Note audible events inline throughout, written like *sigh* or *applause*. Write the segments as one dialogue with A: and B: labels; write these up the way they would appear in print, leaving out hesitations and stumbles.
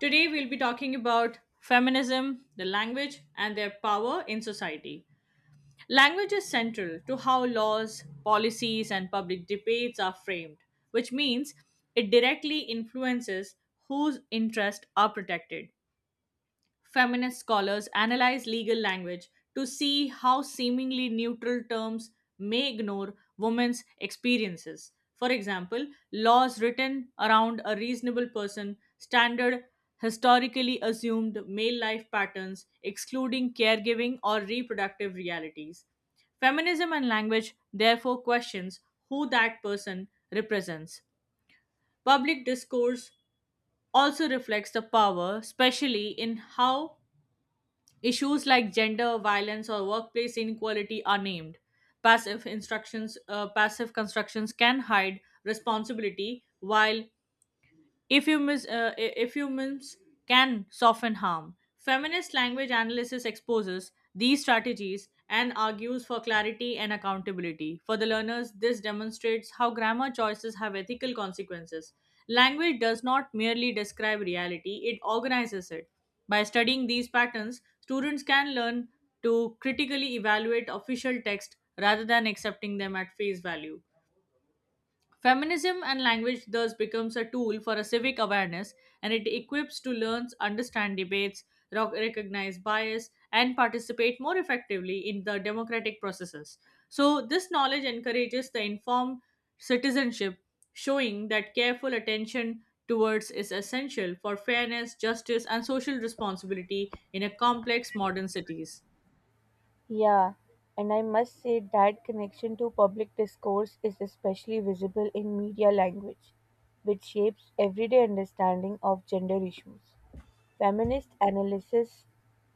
A: Today, we'll be talking about feminism, the language, and their power in society. Language is central to how laws, policies, and public debates are framed, which means it directly influences whose interests are protected. Feminist scholars analyze legal language to see how seemingly neutral terms may ignore women's experiences. For example, laws written around a reasonable person standard historically assumed male life patterns, excluding caregiving or reproductive realities. Feminism and language therefore questions who that person represents. Public discourse also reflects the power, especially in how issues like gender, violence, or workplace inequality are named. Passive instructions, passive constructions can hide responsibility, while if humans, uh, if humans can soften harm. Feminist language analysis exposes these strategies and argues for clarity and accountability. For the learners, this demonstrates how grammar choices have ethical consequences. Language does not merely describe reality, it organizes it. By studying these patterns, students can learn to critically evaluate official text rather than accepting them at face value. Feminism and language thus becomes a tool for a civic awareness and it equips to learn, understand debates, recognize bias, and participate more effectively in the democratic processes. So, this knowledge encourages the informed citizenship, showing that careful attention towards is essential for fairness, justice, and social responsibility in a complex modern cities.
B: Yeah, and I must say that connection to public discourse is especially visible in media language, which shapes everyday understanding of gender issues. Feminist analysis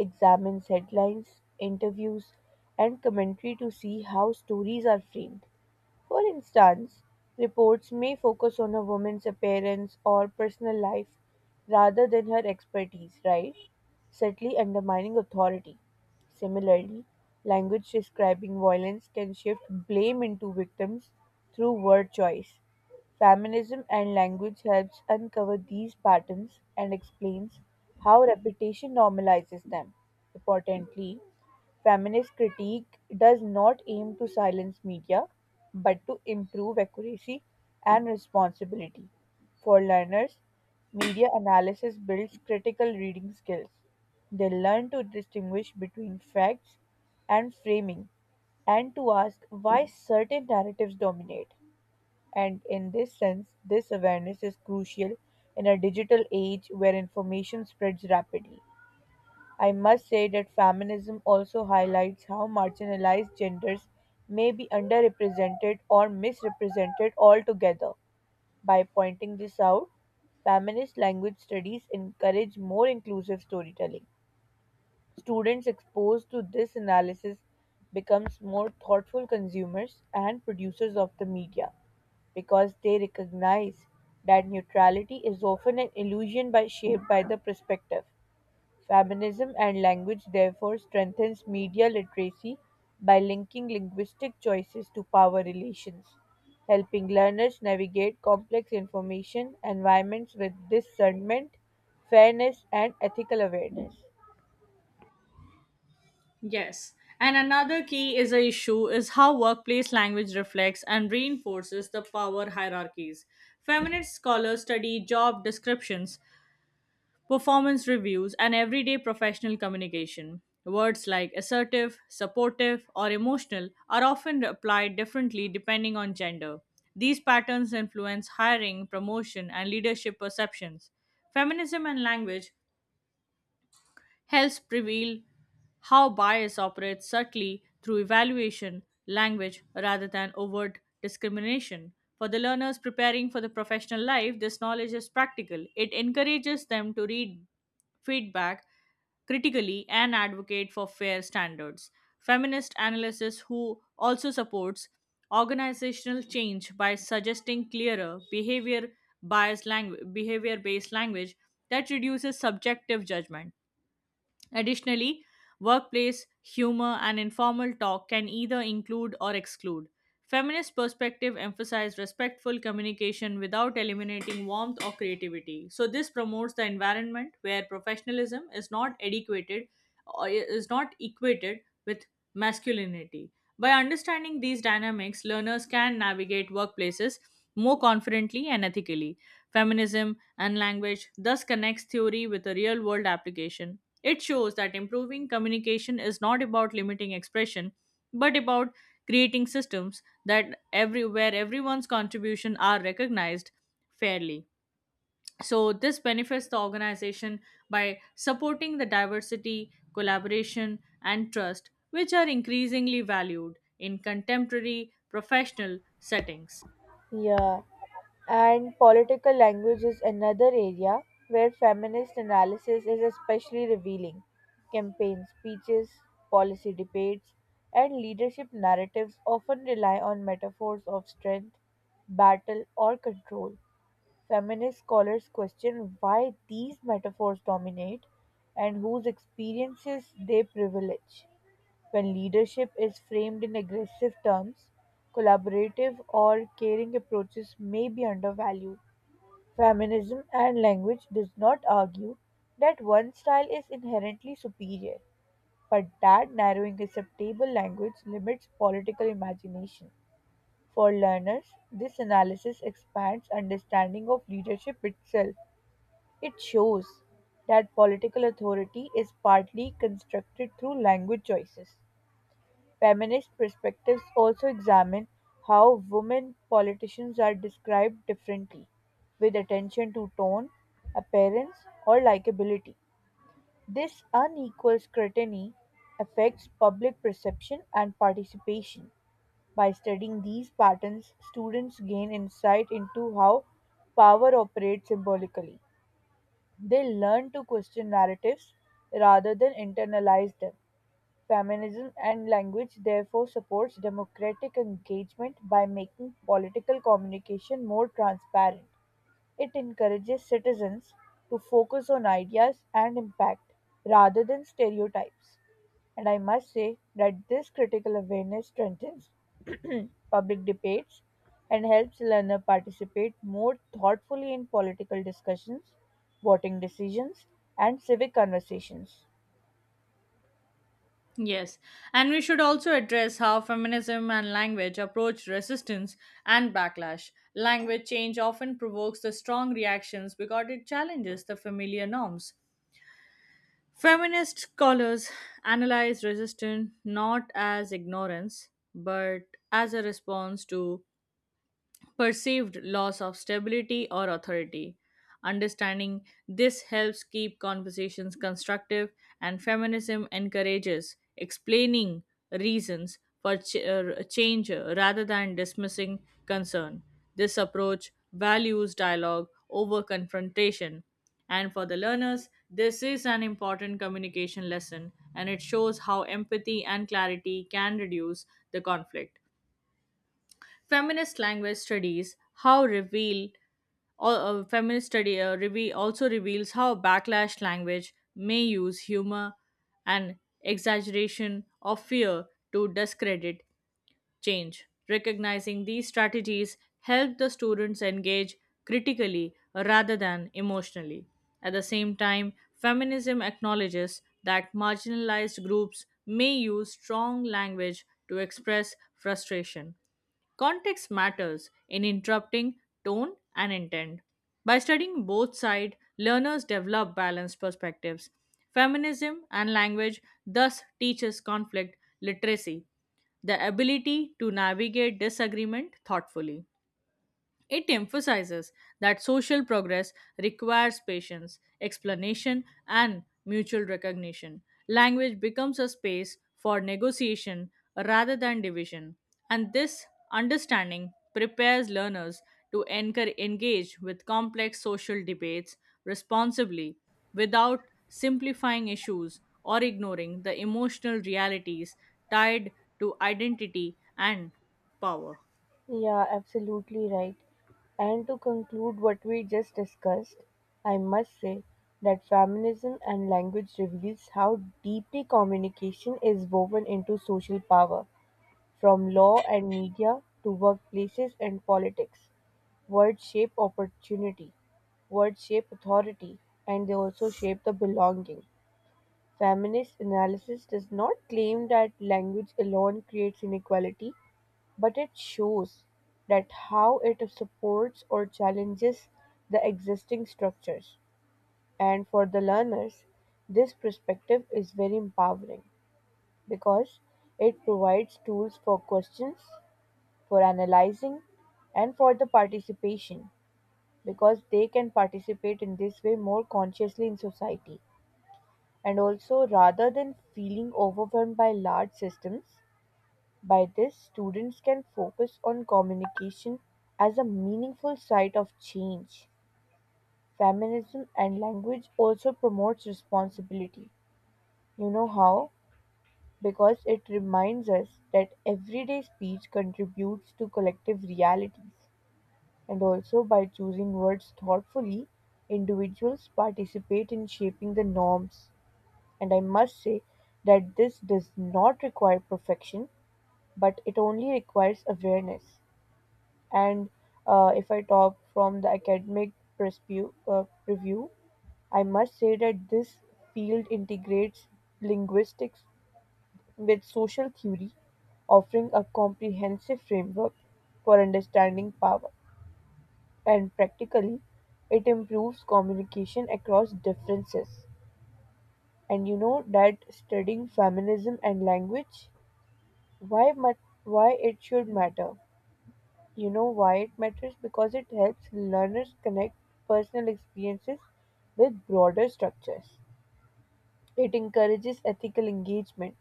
B: examines headlines, interviews, and commentary to see how stories are framed. For instance, reports may focus on a woman's appearance or personal life rather than her expertise, right? Subtly undermining authority. Similarly, language describing violence can shift blame into victims through word choice. Feminism and language helps uncover these patterns and explains how reputation normalizes them. Importantly, feminist critique does not aim to silence media, but to improve accuracy and responsibility. For learners, media analysis builds critical reading skills. They learn to distinguish between facts and framing and to ask why certain narratives dominate. And in this sense, this awareness is crucial in a digital age where information spreads rapidly. I must say that feminism also highlights how marginalized genders may be underrepresented or misrepresented altogether. By pointing this out, feminist language studies encourage more inclusive storytelling. Students exposed to this analysis becomes more thoughtful consumers and producers of the media because they recognize that neutrality is often an illusion by shaped by the perspective. Feminism and language therefore strengthens media literacy by linking linguistic choices to power relations, helping learners navigate complex information environments with discernment, fairness, and ethical awareness.
A: Yes. And another key is a issue is how workplace language reflects and reinforces the power hierarchies. Feminist scholars study job descriptions, performance reviews, and everyday professional communication. Words like assertive, supportive, or emotional are often applied differently depending on gender. These patterns influence hiring, promotion, and leadership perceptions. Feminism and language helps reveal how bias operates subtly through evaluation, language, rather than overt discrimination. For the learners preparing for the professional life, this knowledge is practical. It encourages them to read feedback critically and advocate for fair standards. Feminist analysis who also supports organizational change by suggesting clearer behavior bias language behavior based language that reduces subjective judgment. Additionally, workplace, humor, and informal talk can either include or exclude. Feminist perspective emphasize respectful communication without eliminating warmth or creativity. So this promotes the environment where professionalism is not adequated or is not equated with masculinity. By understanding these dynamics, learners can navigate workplaces more confidently and ethically. Feminism and language thus connects theory with a real-world application. It shows that improving communication is not about limiting expression, but about creating systems that every where everyone's contribution are recognized fairly. So this benefits the organization by supporting the diversity, collaboration, and trust, which are increasingly valued in contemporary professional settings.
B: Yeah. And political language is another area where feminist analysis is especially revealing. Campaign speeches, policy debates, and leadership narratives often rely on metaphors of strength, battle, or control. Feminist scholars question why these metaphors dominate and whose experiences they privilege. When leadership is framed in aggressive terms, collaborative or caring approaches may be undervalued. Feminism and language does not argue that one style is inherently superior, but that narrowing acceptable language limits political imagination. For learners, this analysis expands understanding of leadership itself. It shows that political authority is partly constructed through language choices. Feminist perspectives also examine how women politicians are described differently, with attention to tone, appearance, or likability. This unequal scrutiny affects public perception and participation. By studying these patterns, students gain insight into how power operates symbolically. They learn to question narratives rather than internalize them. Feminism and language therefore supports democratic engagement by making political communication more transparent. It encourages citizens to focus on ideas and impact rather than stereotypes. And I must say that this critical awareness strengthens *clears throat* public debates and helps learner participate more thoughtfully in political discussions, voting decisions, and civic conversations.
A: Yes, and we should also address how feminism and language approach resistance and backlash. Language change often provokes the strong reactions because it challenges the familiar norms. Feminist scholars analyze resistance not as ignorance but as a response to perceived loss of stability or authority. Understanding this helps keep conversations constructive, and feminism encourages explaining reasons for change rather than dismissing concern. This approach values dialogue over confrontation. And for the learners, this is an important communication lesson and it shows how empathy and clarity can reduce the conflict. Feminist language studies how reveal feminist study, reveal, also reveals how backlash language may use humor and exaggeration of fear to discredit change. Recognizing these strategies help the students engage critically rather than emotionally. At the same time, feminism acknowledges that marginalized groups may use strong language to express frustration. Context matters in interrupting tone and intent. By studying both sides, learners develop balanced perspectives. Feminism and language thus teaches conflict literacy, the ability to navigate disagreement thoughtfully. It emphasizes that social progress requires patience, explanation, and mutual recognition. Language becomes a space for negotiation rather than division, and this understanding prepares learners to engage with complex social debates responsibly without simplifying issues or ignoring the emotional realities tied to identity and power.
B: Yeah, absolutely right. And to conclude what we just discussed, I must say that feminism and language reveals how deeply communication is woven into social power, from law and media to workplaces and politics. Words shape opportunity, words shape authority, and they also shape the belonging. Feminist analysis does not claim that language alone creates inequality, but it shows that how it supports or challenges the existing structures. And for the learners, this perspective is very empowering because it provides tools for questions, for analyzing, and for the participation because they can participate in this way more consciously in society. And also, rather than feeling overwhelmed by large systems, by this, students can focus on communication as a meaningful site of change. Feminism and language also promotes responsibility. You know how? Because it reminds us that everyday speech contributes to collective realities. And also, by choosing words thoughtfully, individuals participate in shaping the norms. And I must say that this does not require perfection, but it only requires awareness. And if I talk from the academic perspective, preview, I must say that this field integrates linguistics with social theory, offering a comprehensive framework for understanding power. And practically, it improves communication across differences. And you know that studying feminism and language, why, why it should matter. You know why it matters? Because it helps learners connect personal experiences with broader structures. It encourages ethical engagement,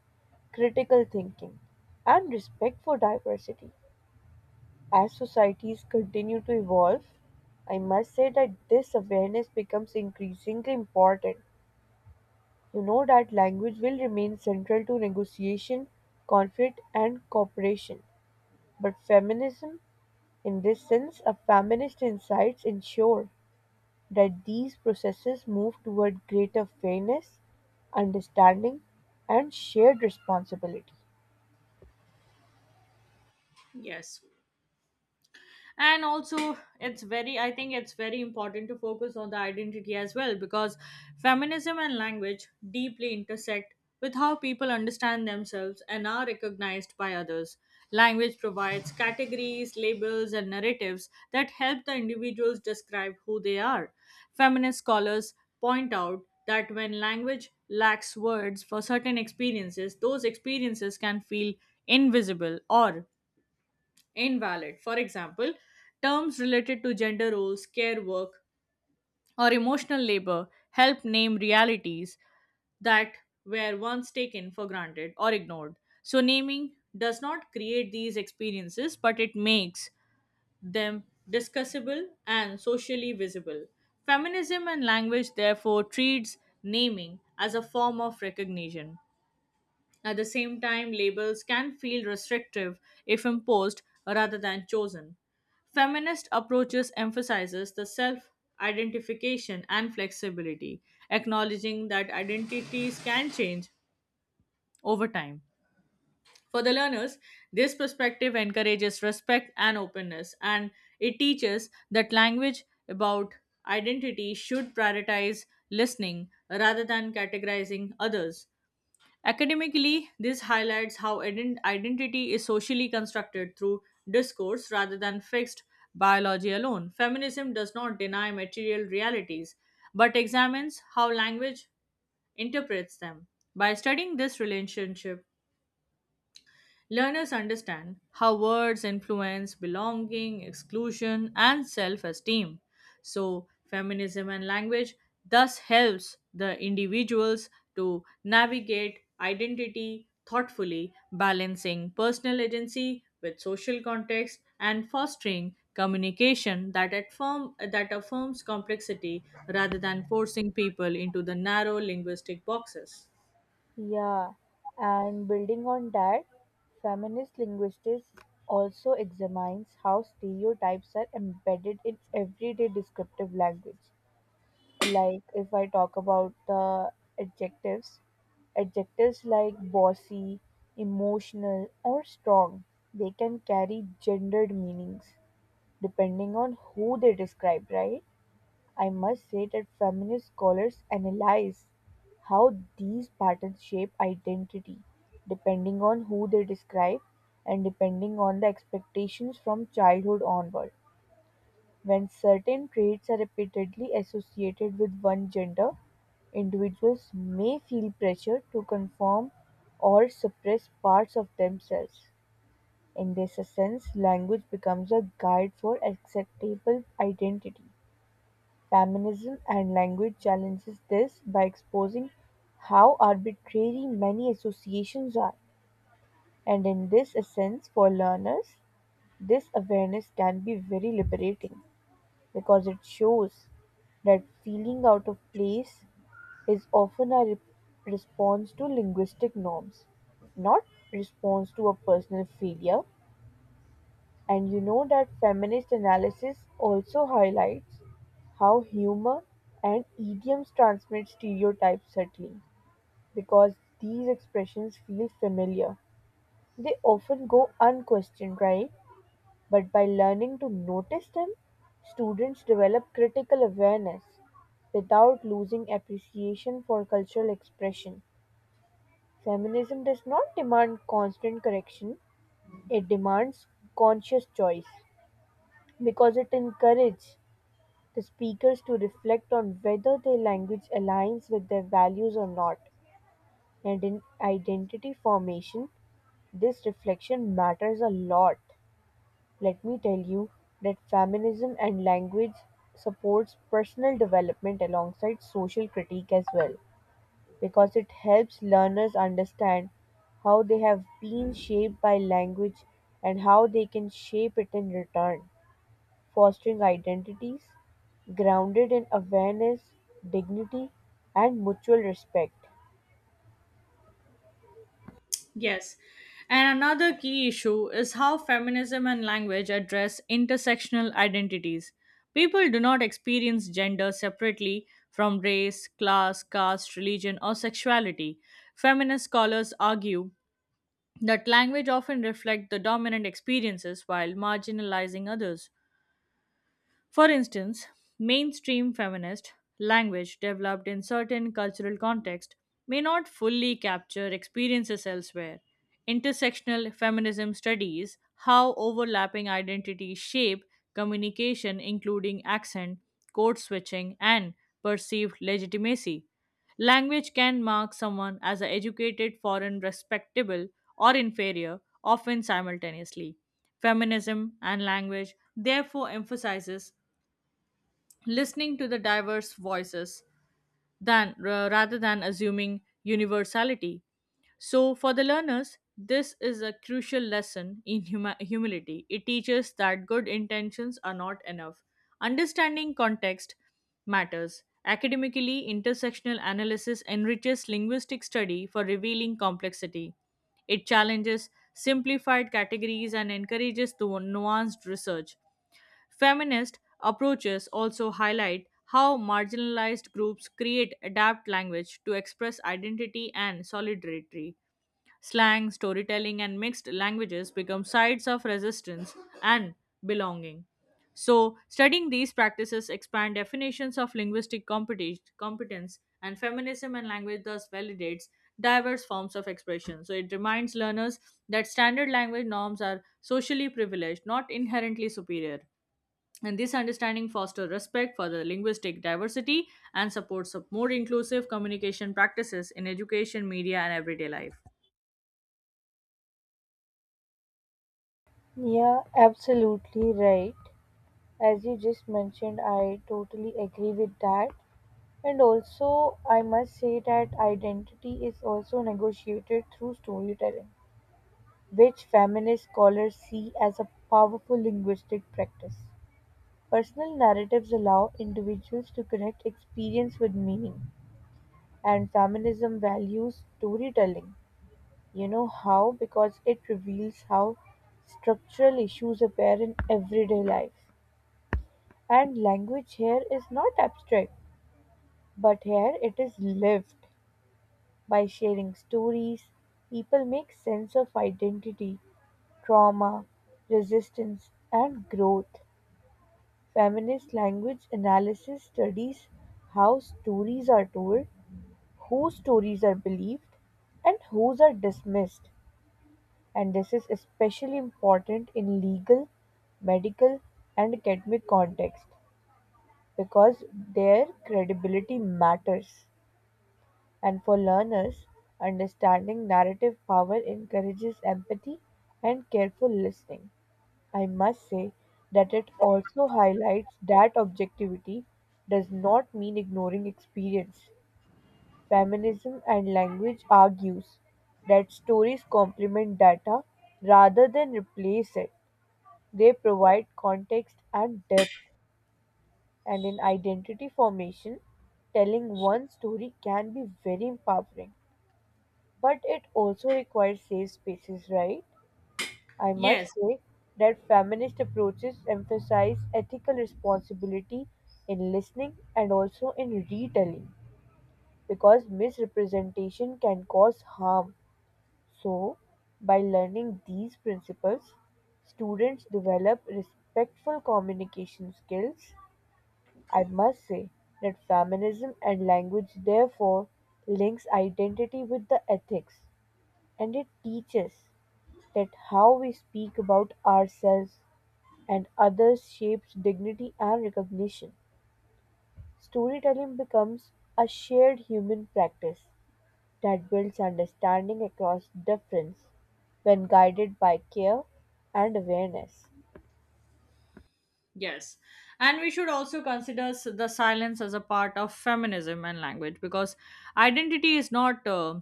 B: critical thinking, and respect for diversity. As societies continue to evolve, I must say that this awareness becomes increasingly important. You know that language will remain central to negotiation, conflict, and cooperation. But feminism, in this sense, a feminist insights ensure that these processes move toward greater fairness, understanding, and shared responsibility.
A: Yes, and also it's very I think it's very important to focus on the identity as well, because feminism and language deeply intersect with how people understand themselves and are recognized by others. Language provides categories, labels, and narratives that help the individuals describe who they are. Feminist scholars point out that when language lacks words for certain experiences, those experiences can feel invisible or invalid. For example, terms related to gender roles, care work, or emotional labor help name realities that were once taken for granted or ignored. So, naming does not create these experiences, but it makes them discussable and socially visible. Feminism and language therefore treats naming as a form of recognition. At the same time, labels can feel restrictive if imposed rather than chosen. Feminist approaches emphasizes the self-identification and flexibility, acknowledging that identities can change over time. For the learners, this perspective encourages respect and openness, and it teaches that language about identity should prioritize listening rather than categorizing others. Academically, this highlights how identity is socially constructed through discourse rather than fixed biology alone. Feminism does not deny material realities, but examines how language interprets them. By studying this relationship, learners understand how words influence belonging, exclusion, and self esteem. So, feminism and language thus helps the individuals to navigate identity thoughtfully, balancing personal agency with social context and fostering communication that affirms complexity rather than forcing people into the narrow linguistic boxes.
B: Yeah, and building on that, feminist linguistics also examines how stereotypes are embedded in everyday descriptive language. Like if I talk about the adjectives, adjectives like bossy, emotional, or strong, they can carry gendered meanings, depending on who they describe, right? I must say that feminist scholars analyze how these patterns shape identity, depending on who they describe and depending on the expectations from childhood onward. When certain traits are repeatedly associated with one gender, individuals may feel pressure to conform or suppress parts of themselves. In this sense, language becomes a guide for acceptable identity; feminism and language challenges this by exposing how arbitrary many associations are, and in this sense, for learners, this awareness can be very liberating because it shows that feeling out of place is often a response to linguistic norms, not response to a personal failure. And you know that feminist analysis also highlights how humor and idioms transmit stereotypes subtly. Because these expressions feel familiar, they often go unquestioned, right? But by learning to notice them, students develop critical awareness without losing appreciation for cultural expression. Feminism does not demand constant correction, it demands conscious choice because it encourages the speakers to reflect on whether their language aligns with their values or not. And in identity formation, this reflection matters a lot. Let me tell you that feminism and language supports personal development alongside social critique as well because it helps learners understand how they have been shaped by language and how they can shape it in return, fostering identities grounded in awareness, dignity, and mutual respect.
A: Yes. And another key issue is how feminism and language address intersectional identities. People do not experience gender separately from race, class, caste, religion, or sexuality. Feminist scholars argue that language often reflects the dominant experiences while marginalizing others. For instance, mainstream feminist language developed in certain cultural context may not fully capture experiences elsewhere. Intersectional feminism studies how overlapping identities shape communication, including accent, code switching, and perceived legitimacy. Language can mark someone as an educated, foreign, respectable, or inferior, often simultaneously. Feminism and language therefore emphasizes listening to the diverse voices rather than assuming universality. So for the learners, this is a crucial lesson in humility. It teaches that good intentions are not enough. Understanding context matters. Academically, intersectional analysis enriches linguistic study for revealing complexity. It challenges simplified categories and encourages the nuanced research. Feminist approaches also highlight how marginalized groups create adapt language to express identity and solidarity. Slang, storytelling, and mixed languages become sites of resistance and belonging. So, studying these practices expand definitions of linguistic competence, and feminism and language thus validates diverse forms of expression. So, it reminds learners that standard language norms are socially privileged, not inherently superior. And this understanding fosters respect for the linguistic diversity and supports of more inclusive communication practices in education, media, and everyday life.
B: Yeah, absolutely right. As you just mentioned, I totally agree with that. And also, I must say that identity is also negotiated through storytelling, which feminist scholars see as a powerful linguistic practice. Personal narratives allow individuals to connect experience with meaning, and feminism values storytelling. You know how? Because it reveals how structural issues appear in everyday life. And language here is not abstract, but here it is lived. By sharing stories, people make sense of identity, trauma, resistance, and growth. Feminist language analysis studies how stories are told, whose stories are believed, and whose are dismissed. And this is especially important in legal, medical, and academic contexts because their credibility matters. And for learners, understanding narrative power encourages empathy and careful listening. I must say that it also highlights that objectivity does not mean ignoring experience. Feminism and language argues that stories complement data rather than replace it. They provide context and depth, and in identity formation, telling one story can be very empowering. But it also requires safe spaces, right? I must
A: Yes,
B: say that feminist approaches emphasize ethical responsibility in listening and also in retelling because misrepresentation can cause harm. So, by learning these principles, students develop respectful communication skills. I must say that feminism and language therefore links identity with the ethics, and it teaches that how we speak about ourselves and others shapes dignity and recognition. Storytelling becomes a shared human practice that builds understanding across difference when guided by care and awareness.
A: yes. And we should also consider the silence as a part of feminism and language, because identity is not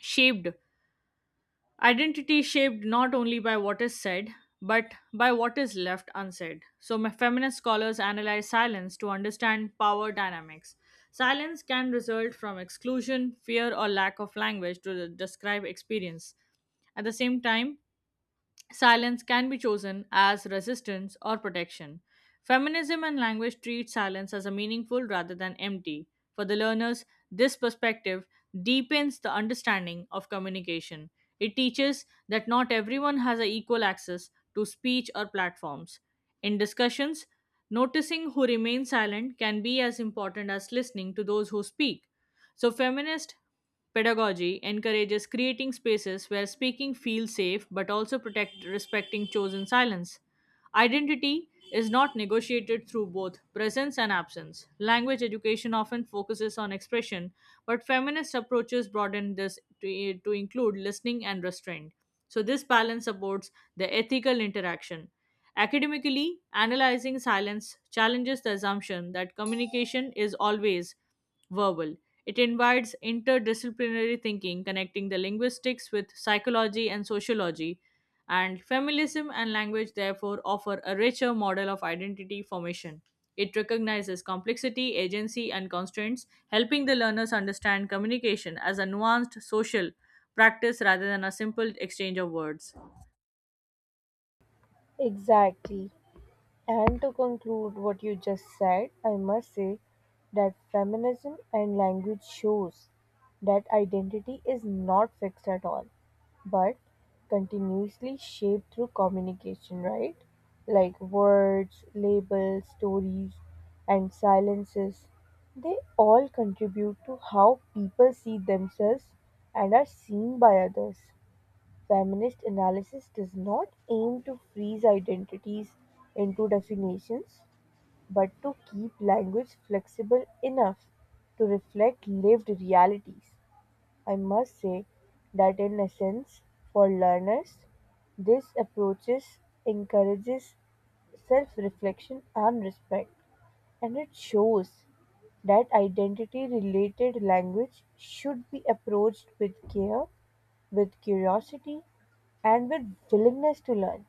A: shaped Identity shaped not only by what is said, but by what is left unsaid. So, my feminist scholars analyze silence to understand power dynamics. Silence can result from exclusion, fear, or lack of language to describe experience. At the same time, silence can be chosen as resistance or protection. Feminism and language treat silence as a meaningful rather than empty. For the learners, this perspective deepens the understanding of communication. It teaches that not everyone has a equal access to speech or platforms. In discussions, noticing who remains silent can be as important as listening to those who speak. So, feminist pedagogy encourages creating spaces where speaking feels safe but also protect respecting chosen silence. Identity is not negotiated through both presence and absence. Language education often focuses on expression, but feminist approaches broaden this to include listening and restraint. So, this balance supports the ethical interaction. Academically, analyzing silence challenges the assumption that communication is always verbal. It invites interdisciplinary thinking, connecting the linguistics with psychology and sociology. And feminism and language therefore offer a richer model of identity formation. It recognizes complexity, agency, and constraints, helping the learners understand communication as a nuanced social practice rather than a simple exchange of words.
B: Exactly. And to conclude what you just said, I must say that feminism and language shows that identity is not fixed at all, but continuously shaped through communication, right? Like words, labels, stories, and silences. They all contribute to how people see themselves and are seen by others. Feminist analysis does not aim to freeze identities into definitions, but to keep language flexible enough to reflect lived realities. I must say that in essence, for learners, this approaches encourages self-reflection and respect, and it shows that identity-related language should be approached with care, with curiosity, and with willingness to learn.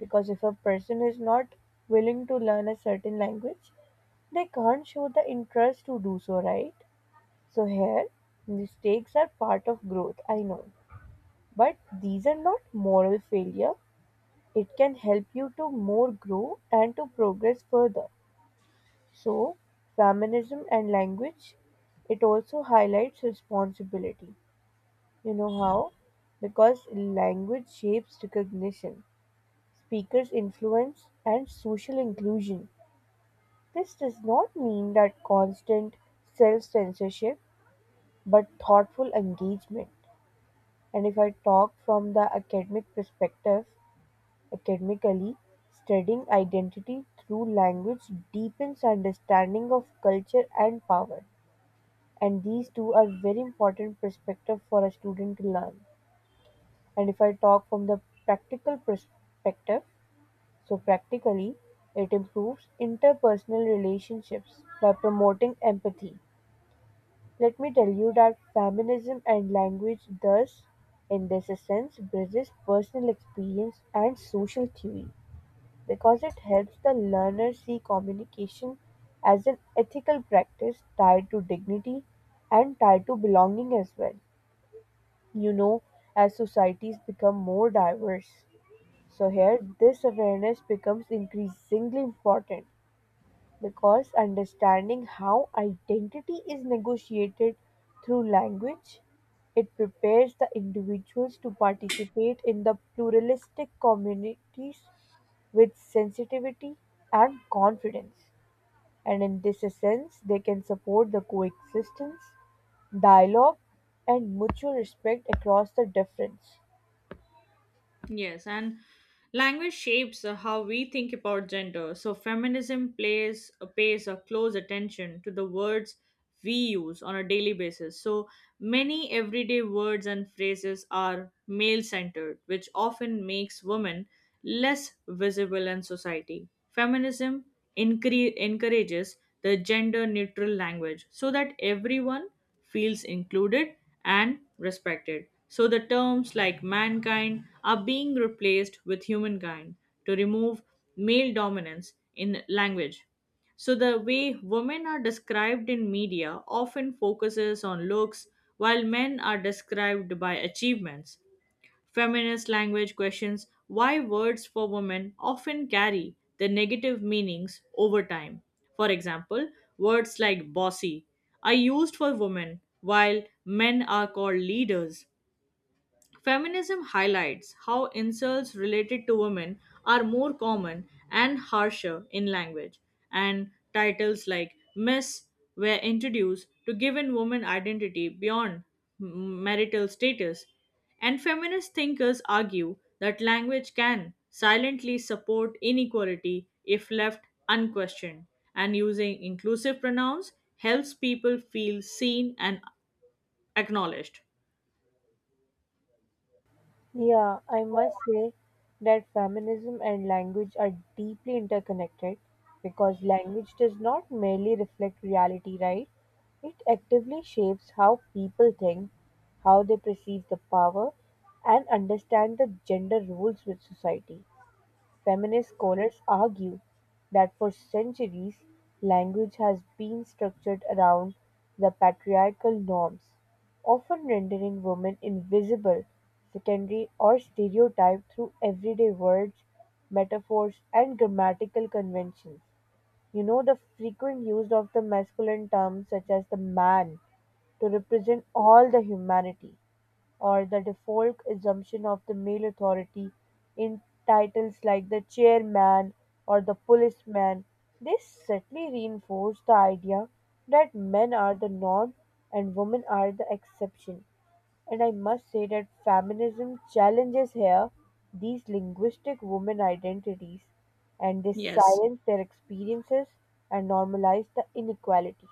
B: Because if a person is not willing to learn a certain language, they can't show the interest to do so, right? So here, mistakes are part of growth, I know. But these are not moral failure. It can help you to more grow and to progress further. So, feminism and language, it also highlights responsibility. You know how? Because language shapes recognition, speakers' influence, and social inclusion. This does not mean that constant self censorship, but thoughtful engagement. And if I talk from the academic perspective, academically, studying identity through language deepens understanding of culture and power. And these two are very important perspective for a student to learn. And if I talk from the practical perspective, so practically, it improves interpersonal relationships by promoting empathy. Let me tell you that feminism and language thus, in this sense, bridges personal experience and social theory because it helps the learner see communication as an ethical practice tied to dignity and tied to belonging as well. You know, as societies become more diverse. So, here this awareness becomes increasingly important because understanding how identity is negotiated through language, it prepares the individuals to participate in the pluralistic communities with sensitivity and confidence. And in this sense, they can support the coexistence, dialogue, and mutual respect across the difference.
A: Yes, and language shapes how we think about gender. So feminism plays pays a close attention to the words we use on a daily basis. So many everyday words and phrases are male centered, which often makes women less visible in society. Feminism encourages the gender neutral language so that everyone feels included and respected. So the terms like mankind are being replaced with humankind to remove male dominance in language. So the way women are described in media often focuses on looks, while men are described by achievements. Feminist language questions why words for women often carry their negative meanings over time. For example, words like bossy are used for women while men are called leaders. Feminism highlights how insults related to women are more common and harsher in language, and titles like Miss were introduced to given women identity beyond marital status. And feminist thinkers argue that language can silently support inequality if left unquestioned, and using inclusive pronouns helps people feel seen and acknowledged.
B: Yeah, I must say that feminism and language are deeply interconnected because language does not merely reflect reality, right? It actively shapes how people think, how they perceive the power, and understand the gender roles with society. Feminist scholars argue that for centuries language has been structured around the patriarchal norms, often rendering women invisible, secondary, or stereotyped through everyday words, metaphors, and grammatical conventions. You know, the frequent use of the masculine terms such as the man to represent all the humanity or the default assumption of the male authority in titles like the chairman or the policeman, they subtly reinforce the idea that men are the norm and women are the exception. And I must say that feminism challenges here these linguistic women identities and they
A: Yes.
B: silence their experiences and normalize the inequality.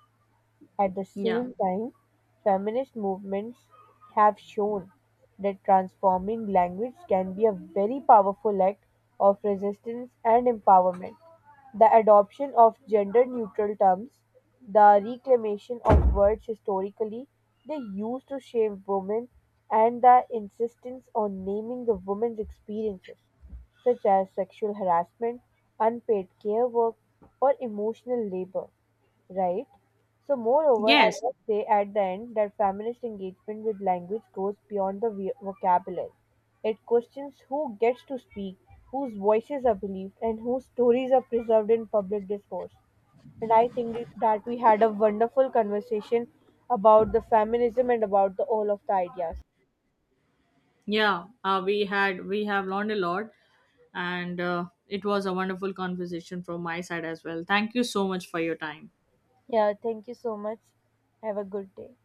B: At the
A: Yeah.
B: same time, feminist movements have shown that transforming language can be a very powerful act of resistance and empowerment. The adoption of gender neutral terms, the reclamation of words historically they used to shame women, and the insistence on naming the woman's experiences, such as sexual harassment, unpaid care work, or emotional labor, right? So, moreover, I
A: Yes.
B: must say at the end that feminist engagement with language goes beyond the vocabulary. It questions who gets to speak, whose voices are believed, and whose stories are preserved in public discourse. And I think that we had a wonderful conversation about the feminism and about the all of the ideas.
A: Yeah, we had we have learned a lot, and it was a wonderful conversation from my side as well. Thank you so much for your time.
B: Yeah, thank you so much. Have a good day.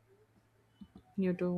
A: You too.